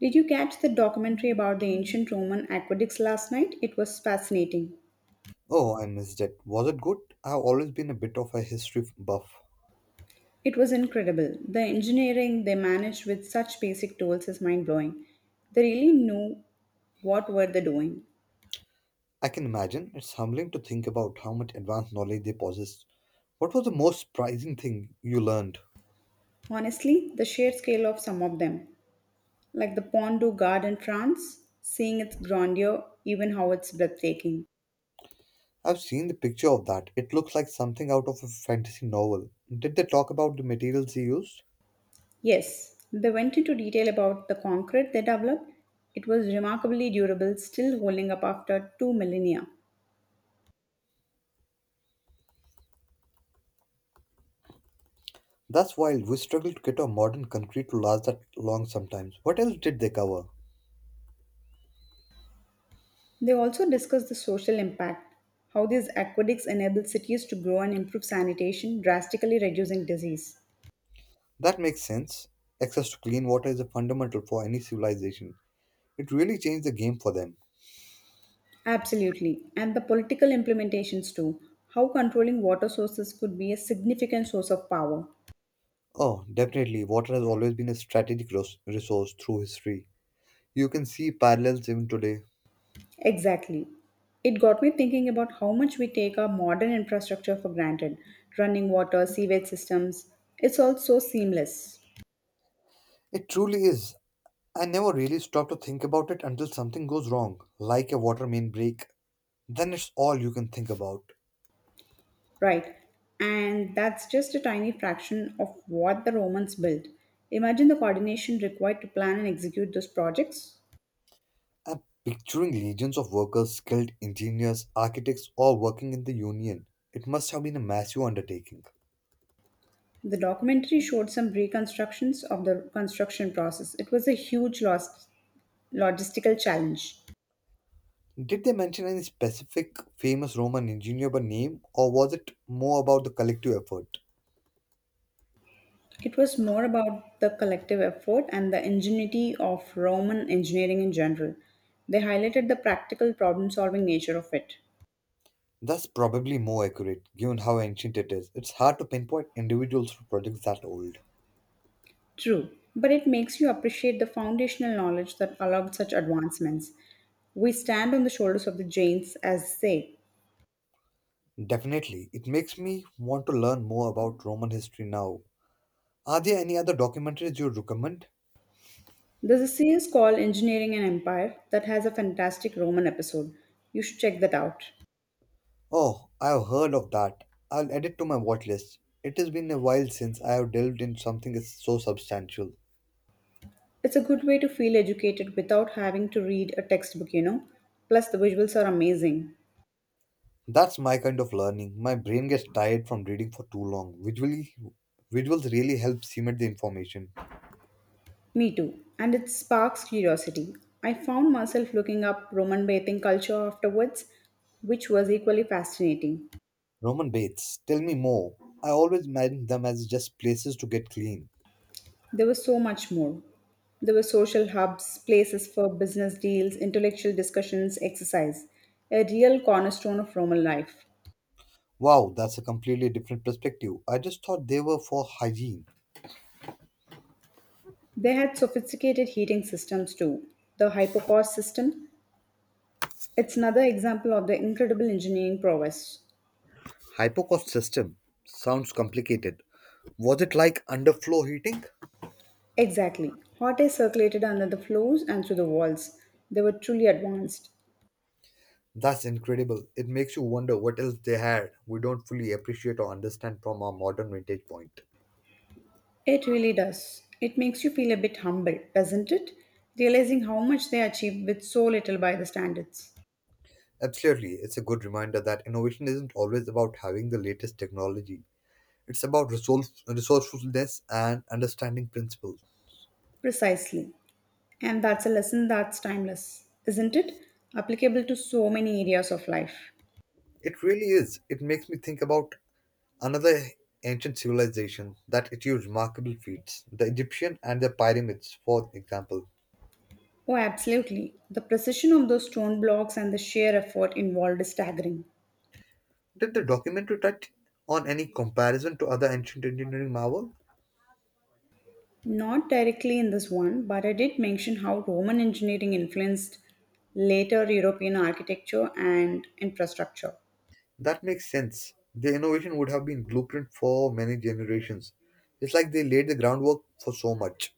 Did you catch the documentary about the ancient Roman aqueducts last night? It was fascinating. Oh, I missed it. Was it good? I've always been a bit of a history buff. It was incredible. The engineering they managed with such basic tools is mind blowing. They really knew what were they doing. I can imagine. It's humbling to think about how much advanced knowledge they possessed. What was the most surprising thing you learned? Honestly, the sheer scale of some of them, like the Pont du Gard in France, seeing its grandeur, even how it's breathtaking. I've seen the picture of that. It looks like something out of a fantasy novel. Did they talk about the materials they used? Yes, they went into detail about the concrete they developed. It was remarkably durable, still holding up after two millennia. That's wild. We struggle to get our modern concrete to last that long sometimes. What else did they cover? They also discuss the social impact, how these aqueducts enable cities to grow and improve sanitation, drastically reducing disease. That makes sense. Access to clean water is a fundamental for any civilization. It really changed the game for them. Absolutely, and the political implementations too, how controlling water sources could be a significant source of power. Oh, definitely. Water has always been a strategic resource through history. You can see parallels even today. Exactly. It got me thinking about how much we take our modern infrastructure for granted running water, sewage systems. It's all so seamless. It truly is. I never really stop to think about it until something goes wrong, like a water main break. Then it's all you can think about. Right. And that's just a tiny fraction of what the Romans built. Imagine the coordination required to plan and execute those projects. I'm picturing legions of workers, skilled engineers, architects, all working in the union. It must have been a massive undertaking. The documentary showed some reconstructions of the construction process. It was a huge logistical challenge. Did they mention any specific famous Roman engineer by name, or was it more about the collective effort? It was more about the collective effort and the ingenuity of Roman engineering in general. They highlighted the practical problem solving nature of it. That's probably more accurate, given how ancient it is. It's hard to pinpoint individuals for projects that old. True, but it makes you appreciate the foundational knowledge that allowed such advancements. We stand on the shoulders of the giants, as they say. Definitely. It makes me want to learn more about Roman history now. Are there any other documentaries you recommend? There's a series called Engineering an Empire that has a fantastic Roman episode. You should check that out. Oh, I've heard of that. I'll add it to my watch list. It has been a while since I have delved into something so substantial. It's a good way to feel educated without having to read a textbook. Plus, the visuals are amazing. That's my kind of learning. My brain gets tired from reading for too long. Visuals really help cement the information. Me too. And it sparks curiosity. I found myself looking up Roman bathing culture afterwards, which was equally fascinating. Roman baths, tell me more. I always imagined them as just places to get clean. There was so much more. There were social hubs, places for business deals, intellectual discussions, exercise, a real cornerstone of Roman life. Wow, that's a completely different perspective. I just thought they were for hygiene. They had sophisticated heating systems too. The hypocaust system, it's another example of the incredible engineering prowess. Hypocaust system sounds complicated. Was it like underfloor heating? Exactly. Hot air circulated under the floors and through the walls. They were truly advanced. That's incredible. It makes you wonder what else they had we don't fully appreciate or understand from our modern vintage point. It really does. It makes you feel a bit humble, doesn't it? Realizing how much they achieved with so little by the standards. Absolutely, it's a good reminder that innovation isn't always about having the latest technology. It's about resourcefulness and understanding principles. Precisely. And that's a lesson that's timeless, isn't it? Applicable to so many areas of life. It really is. It makes me think about another ancient civilization that achieved remarkable feats, the Egyptian and the pyramids, for example. Oh, absolutely. The precision of those stone blocks and the sheer effort involved is staggering. Did the documentary touch on any comparison to other ancient engineering marvel? Not directly in this one, but I did mention how Roman engineering influenced later European architecture and infrastructure. That makes sense. The innovation would have been blueprint for many generations. It's like they laid the groundwork for so much.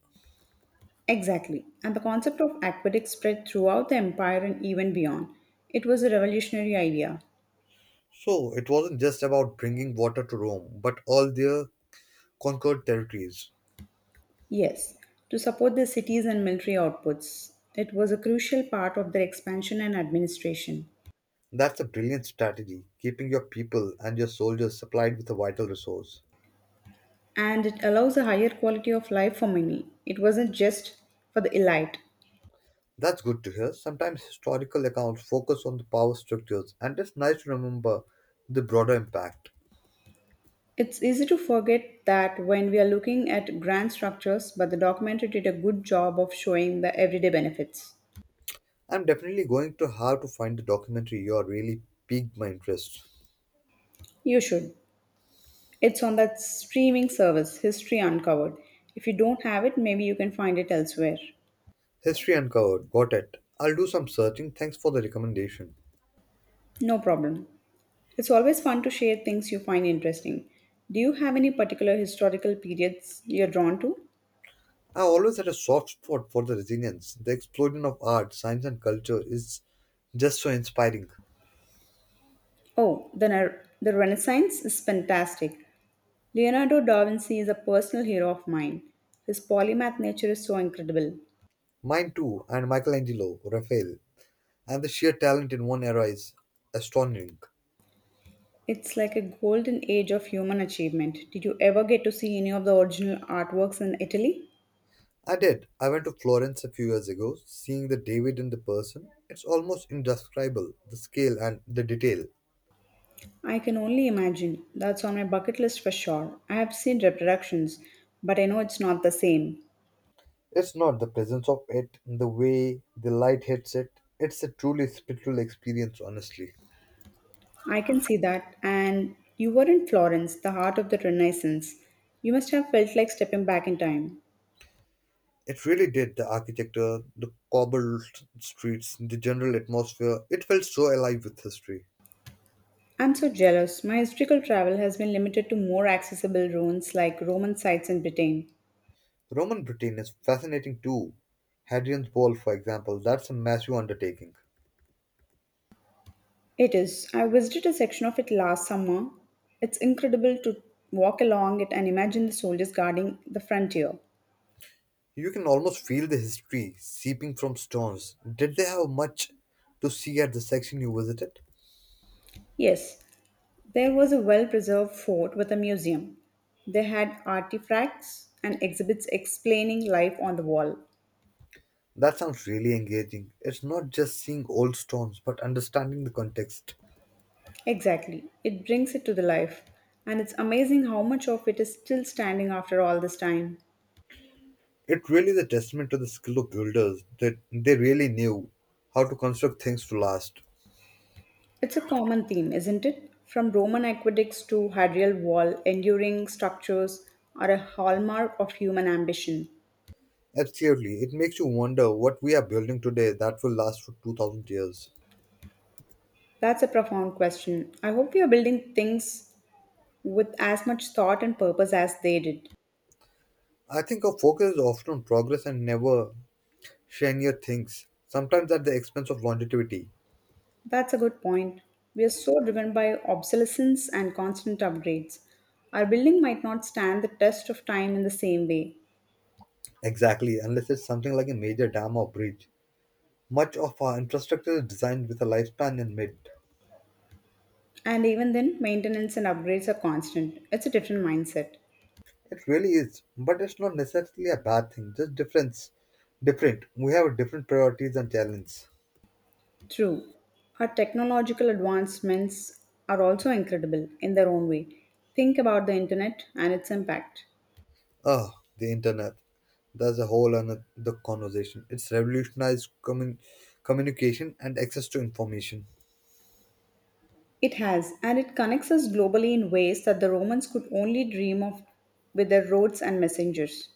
Exactly. And the concept of aqueducts spread throughout the empire and even beyond. It was a revolutionary idea. So it wasn't just about bringing water to Rome, but all their conquered territories. Yes, to support the cities and military outputs. It was a crucial part of their expansion and administration. That's a brilliant strategy, keeping your people and your soldiers supplied with a vital resource. And it allows a higher quality of life for many. It wasn't just for the elite. That's good to hear. Sometimes historical accounts focus on the power structures, and it's nice to remember the broader impact. It's easy to forget that when we are looking at grand structures, but the documentary did a good job of showing the everyday benefits. I'm definitely going to have to find the documentary you are really piqued my interest. You should. It's on that streaming service, History Uncovered. If you don't have it, maybe you can find it elsewhere. History Uncovered, got it. I'll do some searching. Thanks for the recommendation. No problem. It's always fun to share things you find interesting. Do you have any particular historical periods you're drawn to? I always had a soft spot for the resilience. The explosion of art, science, and culture is just so inspiring. Oh, the Renaissance is fantastic. Leonardo da Vinci is a personal hero of mine. His polymath nature is so incredible. Mine too, and Michelangelo, Raphael, and the sheer talent in one era is astonishing. It's like a golden age of human achievement. Did you ever get to see any of the original artworks in Italy? I did. I went to Florence a few years ago, seeing the David in the person. It's almost indescribable, the scale and the detail. I can only imagine. That's on my bucket list for sure. I have seen reproductions, but I know it's not the same. It's not the presence of it, the way the light hits it. It's a truly spiritual experience, honestly. I can see that. And you were in Florence, the heart of the Renaissance. You must have felt like stepping back in time. It really did. The architecture, the cobbled streets, the general atmosphere, it felt so alive with history. I'm so jealous. My historical travel has been limited to more accessible ruins like Roman sites in Britain. Roman Britain is fascinating too. Hadrian's Wall, for example, that's a massive undertaking. It is. I visited a section of it last summer. It's incredible to walk along it and imagine the soldiers guarding the frontier. You can almost feel the history seeping from stones. Did they have much to see at the section you visited? Yes, there was a well preserved fort with a museum. They had artifacts and exhibits explaining life on the wall. That sounds really engaging. It's not just seeing old stones, but understanding the context. Exactly. It brings it to the life. And it's amazing how much of it is still standing after all this time. It really is a testament to the skill of builders that they really knew how to construct things to last. It's a common theme, isn't it? From Roman aqueducts to Hadrian Wall, enduring structures are a hallmark of human ambition. Absolutely, it makes you wonder what we are building today that will last for 2000 years. That's a profound question. I hope we are building things with as much thought and purpose as they did. I think our focus is often on progress and never shinier things, sometimes at the expense of longevity. That's a good point. We are so driven by obsolescence and constant upgrades. Our building might not stand the test of time in the same way. Exactly, unless it's something like a major dam or bridge. Much of our infrastructure is designed with a lifespan in mind. And even then, maintenance and upgrades are constant. It's a different mindset. It really is, but it's not necessarily a bad thing, just difference. Different. We have different priorities and challenges. True, our technological advancements are also incredible in their own way. Think about the internet and its impact. Ah, the internet. That's a whole another the conversation. It's revolutionized communication and access to information. It has, and it connects us globally in ways that the Romans could only dream of with their roads and messengers.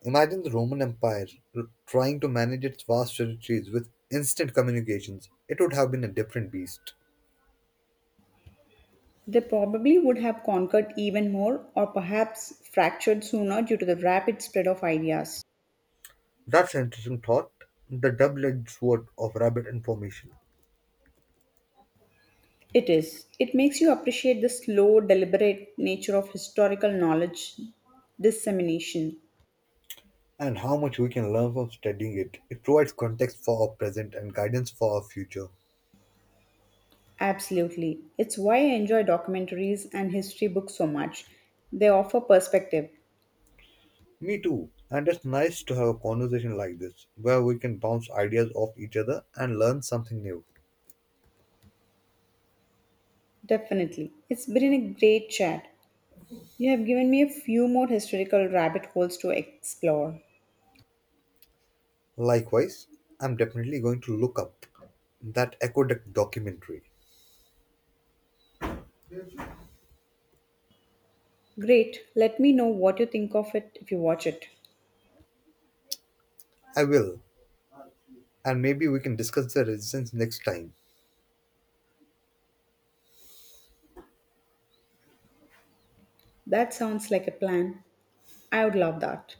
Imagine the Roman Empire trying to manage its vast territories with instant communications. It would have been a different beast. They probably would have conquered even more, or perhaps fractured sooner due to the rapid spread of ideas. That's an interesting thought. The double edged sword of rabbit information It is. It makes you appreciate the slow, deliberate nature of historical knowledge dissemination. and how much we can learn from studying it. It provides context for our present and guidance for our future. Absolutely. It's why I enjoy documentaries and history books so much. They offer perspective. Me too. And it's nice to have a conversation like this where we can bounce ideas off each other and learn something new. Definitely. It's been a great chat. You have given me a few more historical rabbit holes to explore. Likewise, I'm definitely going to look up that Aqueduct documentary. Great. Let me know what you think of it if you watch it. I will. And maybe we can discuss the resistance next time. That sounds like a plan. I would love that.